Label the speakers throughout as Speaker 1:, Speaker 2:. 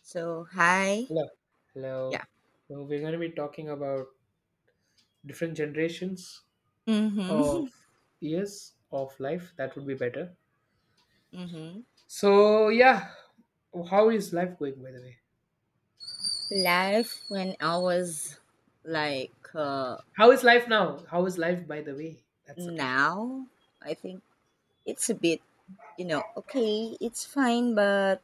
Speaker 1: So, hi.
Speaker 2: Hello. Hello.
Speaker 1: Yeah.
Speaker 2: Now we're going to be talking about different generations of
Speaker 1: Mm-hmm.
Speaker 2: years of life. That would be better.
Speaker 1: Mm-hmm.
Speaker 2: So, yeah. How is life going, by the way?
Speaker 1: Life when I was like uh,
Speaker 2: How is life now? How is life, by the way? That's the question.
Speaker 1: now, I think it's a bit, okay, it's fine, but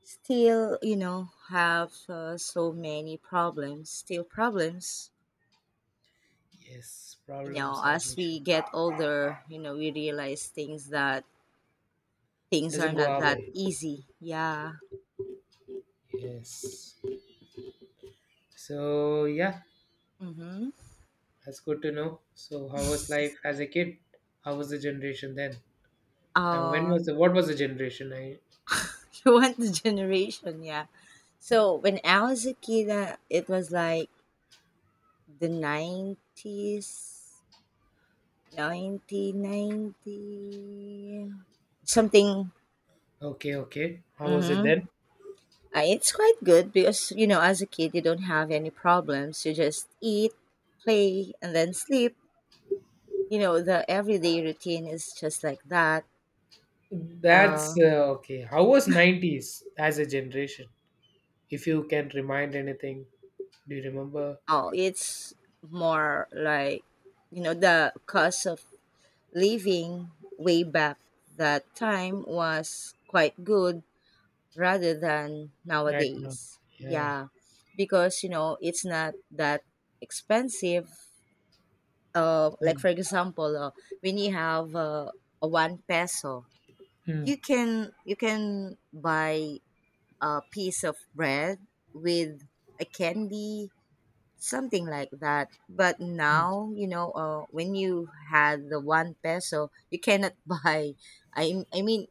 Speaker 1: still, have so many problems, still problems.
Speaker 2: Yes.
Speaker 1: You know,
Speaker 2: Problems are an
Speaker 1: as
Speaker 2: issue.
Speaker 1: we get older, we realize things that things are
Speaker 2: Doesn't go
Speaker 1: not
Speaker 2: our
Speaker 1: that
Speaker 2: way.
Speaker 1: easy. Yeah.
Speaker 2: Yes. So, yeah.
Speaker 1: Mm-hmm.
Speaker 2: That's good to know. So, how was life as a kid? How was the generation then? And when
Speaker 1: Uh,
Speaker 2: was the, what was the generation?
Speaker 1: you want the generation, yeah. So when I was a kid, it was like the 90s, 1990 something.
Speaker 2: Okay, okay. How was it
Speaker 1: Mm-hmm.
Speaker 2: then?
Speaker 1: It's quite good because as a kid, you don't have any problems. You just eat, play, and then sleep. The everyday routine is just like that.
Speaker 2: That's
Speaker 1: Uh,
Speaker 2: uh, okay. How was 90s as a generation? If you can remind anything, do you remember
Speaker 1: oh, it's more like the cost of living way back that time was quite good rather than
Speaker 2: right now?
Speaker 1: nowadays.
Speaker 2: Yeah.
Speaker 1: Yeah, because it's not that expensive. Like
Speaker 2: Mm,
Speaker 1: for example, when you have a one peso,
Speaker 2: mm,
Speaker 1: you can buy a piece of bread with a candy, something like that. But
Speaker 2: mm.
Speaker 1: now when you had the one peso, you cannot buy. I mean,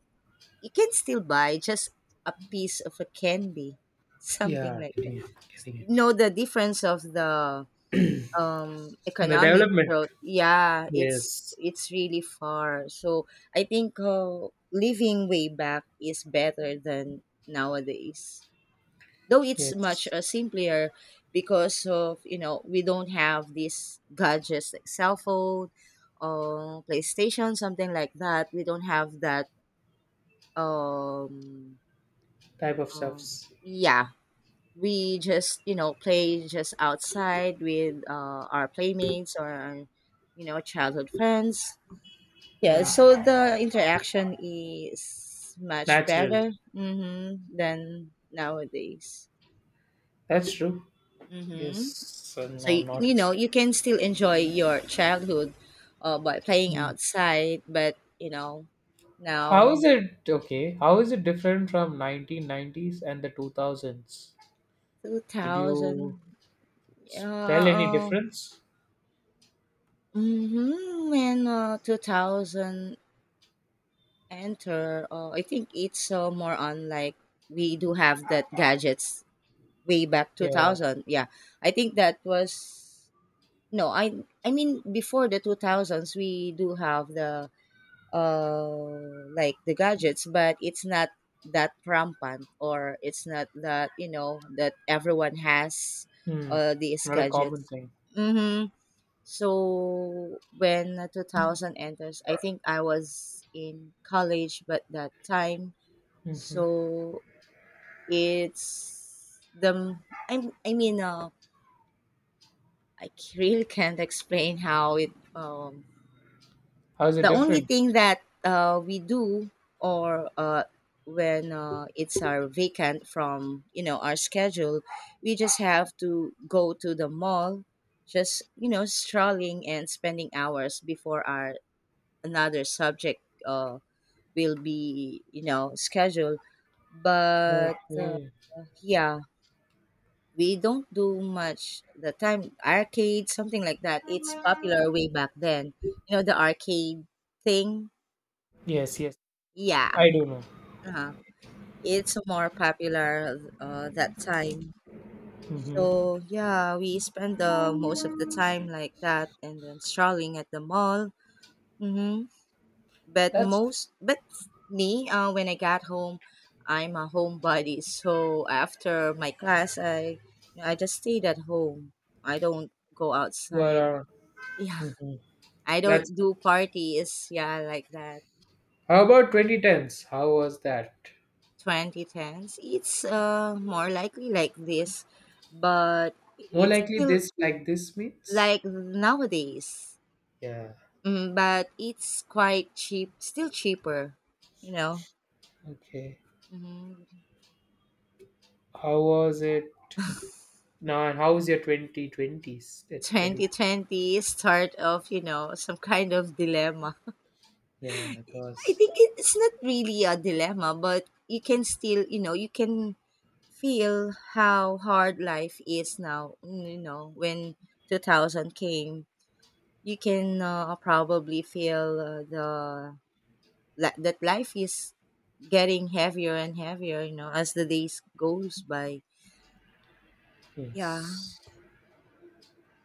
Speaker 1: you can still buy just a piece of a candy, something
Speaker 2: Yeah,
Speaker 1: like that.
Speaker 2: getting it. Getting it.
Speaker 1: You know the difference of the
Speaker 2: The
Speaker 1: economic
Speaker 2: development.
Speaker 1: growth. Yeah, it's
Speaker 2: Yes.
Speaker 1: it's really far. So I think living way back is better than nowadays. Though it's much
Speaker 2: Yes.
Speaker 1: simpler because of we don't have these gadgets like cell phone, PlayStation, something like that. We don't have that, um
Speaker 2: Type of
Speaker 1: um,
Speaker 2: stuffs.
Speaker 1: yeah, we just play just outside with our playmates or childhood friends. Yeah,
Speaker 2: Mm.
Speaker 1: so the interaction is much
Speaker 2: Natural.
Speaker 1: better than nowadays.
Speaker 2: That's true.
Speaker 1: hmm
Speaker 2: Yes. And
Speaker 1: So you,
Speaker 2: I'm not
Speaker 1: you know
Speaker 2: expecting.
Speaker 1: you can still enjoy your childhood by playing
Speaker 2: Mm.
Speaker 1: outside, but you know
Speaker 2: How
Speaker 1: now
Speaker 2: is it okay? How is it different from 1990s and the 2000s?
Speaker 1: two
Speaker 2: Could you
Speaker 1: thousand. Uh,
Speaker 2: tell any
Speaker 1: uh,
Speaker 2: difference?
Speaker 1: Mm-hmm. When 2000 enter. I think it's more on like we do have that gadgets way back
Speaker 2: Yeah.
Speaker 1: 2000. Yeah, I think that was no. I mean before the 2000s we do have the uh like the gadgets, but it's not that rampant or it's not that that everyone has
Speaker 2: Hmm,
Speaker 1: these
Speaker 2: not a common
Speaker 1: gadgets.
Speaker 2: thing.
Speaker 1: Mm-hmm. So when 2000 enters, I think I was in college, but that time,
Speaker 2: Hmm.
Speaker 1: so it's the I mean really can't explain how it.
Speaker 2: How is it
Speaker 1: The only
Speaker 2: different?
Speaker 1: thing that we do, or when it's our vacant from our schedule, we just have to go to the mall, just strolling and spending hours before our another subject uh, will be scheduled, but
Speaker 2: Okay.
Speaker 1: yeah, we don't do much. The time arcade, something like that, it's popular way back then, the arcade thing,
Speaker 2: Yes, yes,
Speaker 1: yeah,
Speaker 2: I do know.
Speaker 1: uh, it's more popular that time.
Speaker 2: Hmm.
Speaker 1: So yeah, we spend the most of the time like that, and then strolling at the mall. Mm-hmm. But
Speaker 2: That's
Speaker 1: most, but me, when I got home, I'm a homebody, so after my class I just stayed at home, I don't go
Speaker 2: what
Speaker 1: outside.
Speaker 2: our-
Speaker 1: Yeah,
Speaker 2: mhm.
Speaker 1: I
Speaker 2: That's
Speaker 1: don't do
Speaker 2: good.
Speaker 1: parties, yeah, like that.
Speaker 2: How about 2010s? How was that?
Speaker 1: 2010s, it's more likely like this, but
Speaker 2: More
Speaker 1: it's
Speaker 2: likely
Speaker 1: still
Speaker 2: this like this means?
Speaker 1: like nowadays.
Speaker 2: Yeah.
Speaker 1: But it's quite cheap, still cheaper, you know.
Speaker 2: Okay.
Speaker 1: hmm
Speaker 2: How was it now? And how was your 2020s? Twenties? Twenty.
Speaker 1: 2020, start of some kind of dilemma.
Speaker 2: Yeah, it
Speaker 1: I
Speaker 2: was.
Speaker 1: think it's not really a dilemma, but you can still you can feel how hard life is now. You know when 2000 came you can probably feel the that life is getting heavier and heavier, you know, as the days goes by. Yeah.
Speaker 2: Yes.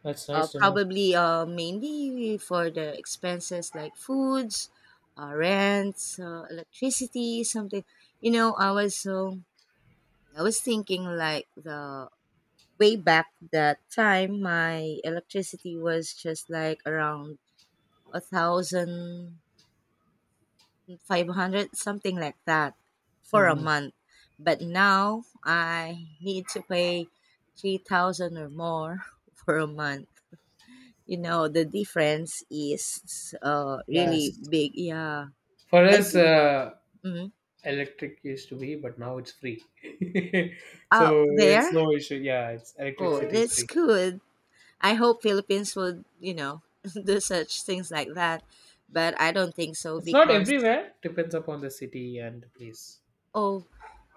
Speaker 2: That's nice to know.
Speaker 1: Probably mainly for the expenses, like foods, rents, electricity, something. You know, I was so I was thinking, like, the way back that time, my electricity was just like around 1,500, something like that, for a
Speaker 2: Hmm.
Speaker 1: month. But now I need to pay 3,000 or more for a month. The difference is really
Speaker 2: Yes.
Speaker 1: big. Yeah.
Speaker 2: For
Speaker 1: I
Speaker 2: us,
Speaker 1: think mm,
Speaker 2: electric used to be, but now it's free.
Speaker 1: out
Speaker 2: So it's
Speaker 1: there.
Speaker 2: no issue. Yeah, it's
Speaker 1: Oh,
Speaker 2: electricity is
Speaker 1: that's
Speaker 2: free.
Speaker 1: good. I hope Philippines would, do such things like that. But I don't think so,
Speaker 2: It's not
Speaker 1: because
Speaker 2: everywhere. Depends upon the city and place.
Speaker 1: oh,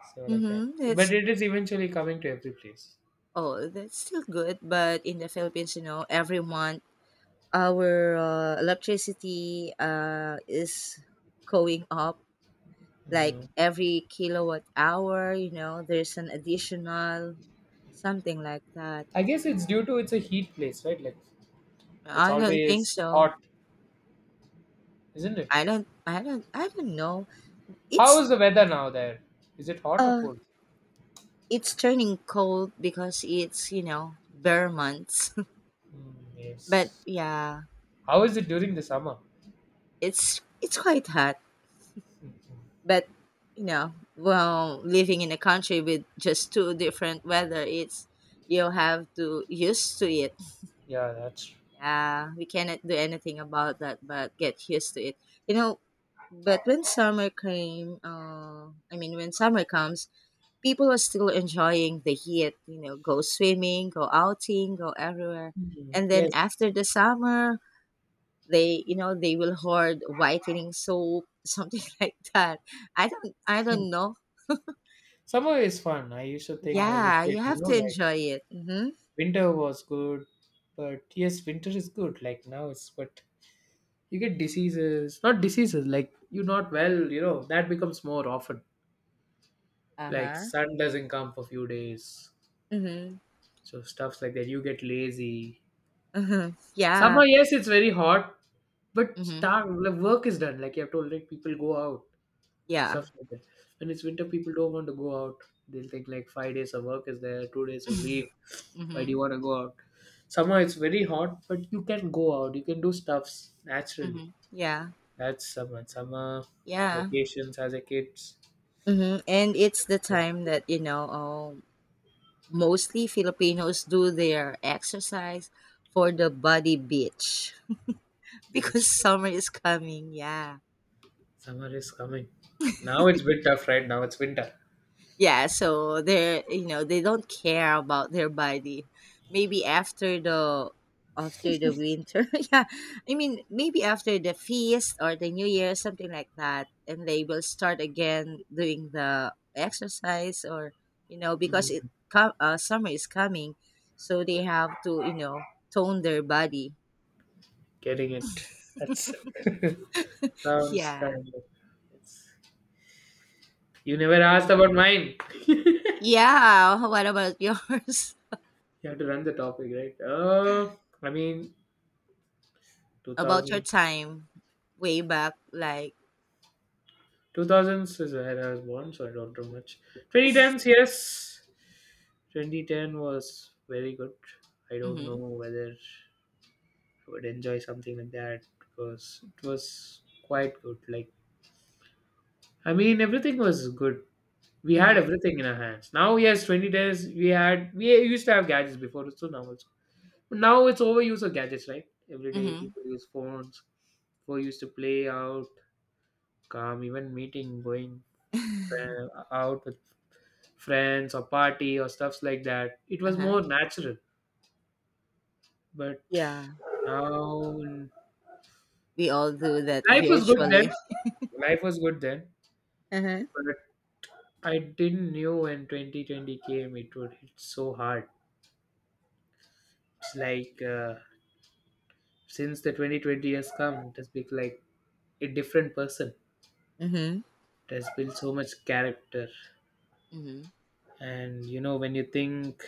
Speaker 2: So like that.
Speaker 1: mm-hmm,
Speaker 2: But it is eventually coming to every place.
Speaker 1: that's still good. But in the Philippines, every month our electricity is going up, like
Speaker 2: Hmm.
Speaker 1: every kilowatt hour, there's an additional something like that.
Speaker 2: I guess it's due to it's a heat place, right? Like it's
Speaker 1: I don't think
Speaker 2: always
Speaker 1: so.
Speaker 2: hot, isn't it?
Speaker 1: I don't know.
Speaker 2: How
Speaker 1: It's
Speaker 2: is the weather now there? Is it hot or
Speaker 1: uh
Speaker 2: cold?
Speaker 1: it's turning cold, because it's, bare months.
Speaker 2: Mm,
Speaker 1: But
Speaker 2: yes.
Speaker 1: yeah,
Speaker 2: How is it during the summer?
Speaker 1: it's quite hot.
Speaker 2: Mhm.
Speaker 1: But well, living in a country with just two different weather, it's you have to used to it.
Speaker 2: Yeah, that's true.
Speaker 1: Yeah, we cannot do anything about that but get used to it. You know, but when summer came, I mean when summer comes, people are still enjoying the heat, go swimming, go outing, go everywhere.
Speaker 2: Mhm.
Speaker 1: And then
Speaker 2: Yes.
Speaker 1: after the summer, they will hoard whitening soap, something like that. I don't know.
Speaker 2: Summer is fun. I used to think as a
Speaker 1: Yeah,
Speaker 2: kid,
Speaker 1: you
Speaker 2: you
Speaker 1: have
Speaker 2: know,
Speaker 1: to
Speaker 2: like
Speaker 1: enjoy it. Mm-hmm.
Speaker 2: winter was good, but yes, winter is good. Like now it's, but you get diseases, not diseases, like you're not well, you know, that becomes more often.
Speaker 1: Uh
Speaker 2: Like
Speaker 1: huh.
Speaker 2: sun doesn't come for few days.
Speaker 1: Mm-hmm.
Speaker 2: So stuffs like that. You get lazy.
Speaker 1: Mm-hmm.
Speaker 2: Summer,
Speaker 1: Yeah.
Speaker 2: yes, it's very hot, but
Speaker 1: Mm-hmm.
Speaker 2: start the work is done. Like you have told, like people go out.
Speaker 1: Yeah.
Speaker 2: Stuff like that. When it's winter, people don't want to go out. They'll think like 5 days of work is there, 2 days of leave.
Speaker 1: Mm-hmm.
Speaker 2: Why do
Speaker 1: Mm-hmm.
Speaker 2: you want to go out? Summer, it's very hot, but you can go out. You can do stuffs naturally.
Speaker 1: Mm-hmm. Yeah.
Speaker 2: That's summer. Summer
Speaker 1: Yeah.
Speaker 2: vacations as a kids.
Speaker 1: Mm-hmm. And it's the
Speaker 2: Like,
Speaker 1: time that, you know, oh, mostly Filipinos do their exercise for the body beach
Speaker 2: yeah, it's
Speaker 1: because
Speaker 2: true.
Speaker 1: summer is coming, yeah.
Speaker 2: Summer is coming. Now it's a bit tough, right? Now it's winter.
Speaker 1: Yeah, so they're you know, they don't care about their body. Maybe after the, winter. Yeah. I mean, maybe after the feast or the new year, something like that, and they will start again doing the exercise, or because
Speaker 2: Mm.
Speaker 1: summer is coming, so they have to, tone their body.
Speaker 2: Getting it. That's sounds
Speaker 1: Yeah.
Speaker 2: kind of. It's, you never
Speaker 1: So,
Speaker 2: asked about mine.
Speaker 1: yeah. What about yours?
Speaker 2: You have to run the topic, right? I mean,
Speaker 1: About your
Speaker 2: 2000s
Speaker 1: time way back, like,
Speaker 2: 2000s is when I was born, so I don't know much. 2010s, yes. 2010 was very good. I don't know
Speaker 1: mm-hmm,
Speaker 2: whether I would enjoy something like that because it was quite good. Like, I mean, everything was good. We had
Speaker 1: mm-hmm,
Speaker 2: everything in our hands. Now, yes, 2010 we used to have gadgets before, so now it's, but now it's overuse of gadgets, right? Every day
Speaker 1: mm-hmm.
Speaker 2: people use phones. People used to play out, come even meeting, going out with friends or party or stuffs like that. It was
Speaker 1: Uh-huh.
Speaker 2: more natural. But
Speaker 1: Yeah.
Speaker 2: now
Speaker 1: We all do that
Speaker 2: life was good then.
Speaker 1: virtually.
Speaker 2: Life was good then.
Speaker 1: Uh-huh.
Speaker 2: But I didn't knew when 2020 came it would hit so hard. It's like since the 2020 has come, it has become like a different person.
Speaker 1: Mm-hmm.
Speaker 2: It has built so much character.
Speaker 1: Mm-hmm.
Speaker 2: And you know, when you think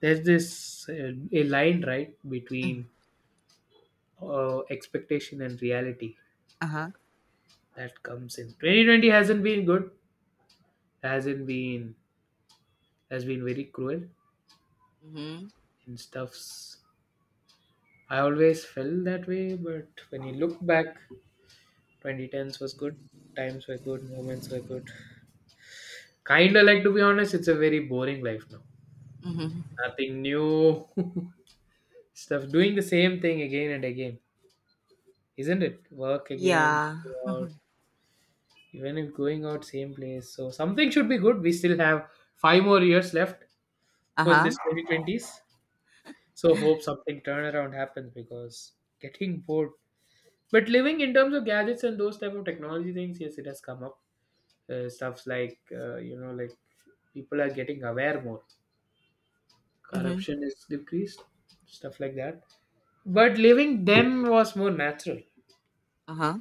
Speaker 2: there's this a line right
Speaker 1: Mm.
Speaker 2: between expectation and reality
Speaker 1: Uh-huh.
Speaker 2: that comes in 2020 hasn't been good, hasn't been, has been very cruel
Speaker 1: Mm-hmm.
Speaker 2: in stuffs. I always felt that way, but when you look back, 2010s was good, times were good, moments were good, kinda like, to be honest, it's a very boring life now,
Speaker 1: Mm-hmm.
Speaker 2: nothing new. Stuff doing the same thing again and again, isn't it? Work again,
Speaker 1: Yeah.
Speaker 2: go out, even if going out same place, so something should be good. We still have 5 more years left for
Speaker 1: Uh-huh.
Speaker 2: this 2020s. So hope something turnaround happens because getting bored. But living in terms of gadgets and those type of technology things, yes, it has come up. Stuffs like you know, like people are getting aware more.
Speaker 1: Mm-hmm.
Speaker 2: Corruption is decreased, stuff like that. But living then was more natural
Speaker 1: Uh-huh.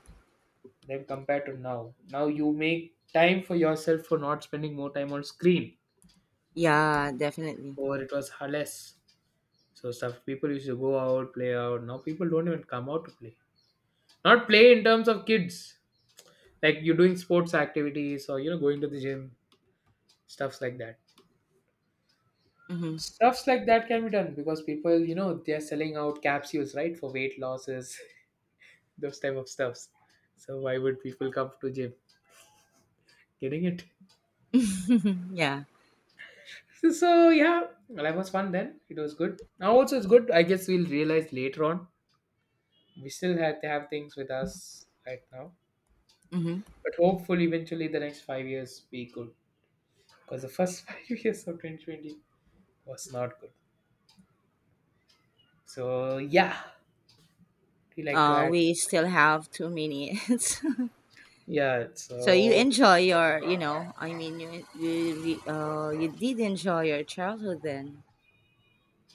Speaker 2: than compared to now. Now you make time for yourself for not spending more time on screen.
Speaker 1: Yeah, definitely.
Speaker 2: Or it was less. So stuff people used to go out, play out. Now people don't even come out to play. Not play in terms of kids, like you're doing sports activities or you know going to the gym, stuffs like that
Speaker 1: Mm-hmm.
Speaker 2: stuffs like that can be done because people you know they're selling out capsules, right? For weight losses. Those type of stuffs. So why would people come to gym? Getting it.
Speaker 1: Yeah.
Speaker 2: So yeah, life was fun then, it was good now also, it's good, I guess we'll realize later on. We still have to have things with us right now,
Speaker 1: Mm-hmm.
Speaker 2: but hopefully eventually the next 5 years be good, because the first 5 years of 2020 was not good. So yeah. You like to add
Speaker 1: We
Speaker 2: something?
Speaker 1: still have 2 minutes.
Speaker 2: Yeah,
Speaker 1: So you
Speaker 2: so
Speaker 1: enjoy your, I mean, you did enjoy your childhood then.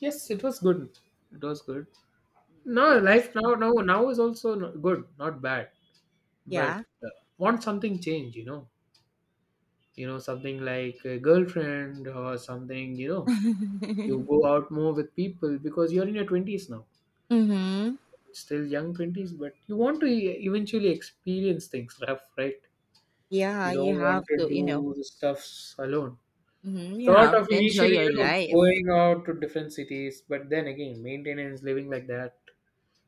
Speaker 2: yes, it was good. It was good. No,
Speaker 1: That's,
Speaker 2: life now is also good, not bad. But
Speaker 1: yeah.
Speaker 2: uh, want something change, you know, something like a girlfriend or something, you know. You
Speaker 1: Mhm.
Speaker 2: go out more with people because you're in your 20s now, still young 20s, but you want to eventually experience things rough, right?
Speaker 1: Yeah,
Speaker 2: You
Speaker 1: you
Speaker 2: don't
Speaker 1: have
Speaker 2: want to
Speaker 1: to,
Speaker 2: do the stuffs alone. Thought of
Speaker 1: enjoy
Speaker 2: initially, you
Speaker 1: your
Speaker 2: know,
Speaker 1: life.
Speaker 2: going out to different cities, but then again, maintenance, living like that,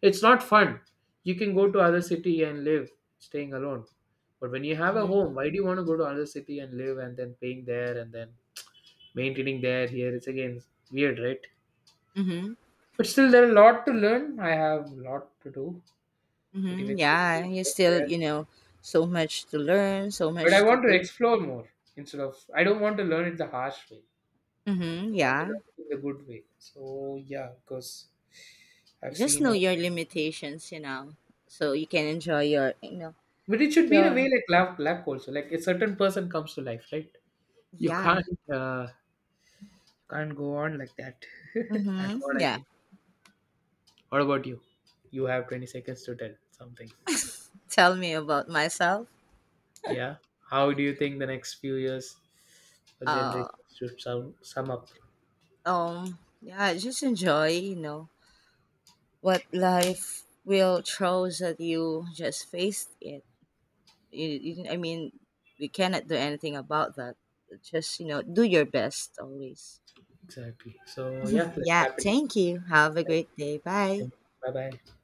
Speaker 2: it's not fun. You can go to other city and live, staying alone. But when you have a
Speaker 1: Mhm.
Speaker 2: home, why do you want to go to other city and live and then paying there and then maintaining there, here? It's again weird, right?
Speaker 1: Mhm.
Speaker 2: But still, there are a lot to learn. I have a lot to do, but
Speaker 1: Mhm.
Speaker 2: eventually
Speaker 1: Yeah,
Speaker 2: you
Speaker 1: you
Speaker 2: get
Speaker 1: still,
Speaker 2: there.
Speaker 1: so much to learn, so
Speaker 2: But I
Speaker 1: much to
Speaker 2: want to
Speaker 1: do.
Speaker 2: explore more instead of, I don't want to learn it the harsh way.
Speaker 1: Mhm.
Speaker 2: Want to
Speaker 1: Yeah.
Speaker 2: learn it in a good way. So yeah, because I've
Speaker 1: Just
Speaker 2: seen
Speaker 1: know
Speaker 2: how,
Speaker 1: your limitations, so you can enjoy your, you know,
Speaker 2: but it should be in a way
Speaker 1: your
Speaker 2: like lap lap also. Like a certain person comes to life, right? You
Speaker 1: Yeah.
Speaker 2: can't you can't go on like that. That's
Speaker 1: Mhm.
Speaker 2: what I
Speaker 1: Yeah.
Speaker 2: think. What about you? You have 20 seconds to tell something.
Speaker 1: Tell me about myself.
Speaker 2: Yeah. How do you think the next few years or
Speaker 1: Uh
Speaker 2: generations should sum up
Speaker 1: Yeah, just enjoy, what life will throws at you. Just face it. I mean, we cannot do anything about that. Just, do your best always.
Speaker 2: exactly? So yeah, let's
Speaker 1: Yeah,
Speaker 2: wrap it up.
Speaker 1: thank you. Have a
Speaker 2: Thank
Speaker 1: great day. Bye.
Speaker 2: you. Bye bye.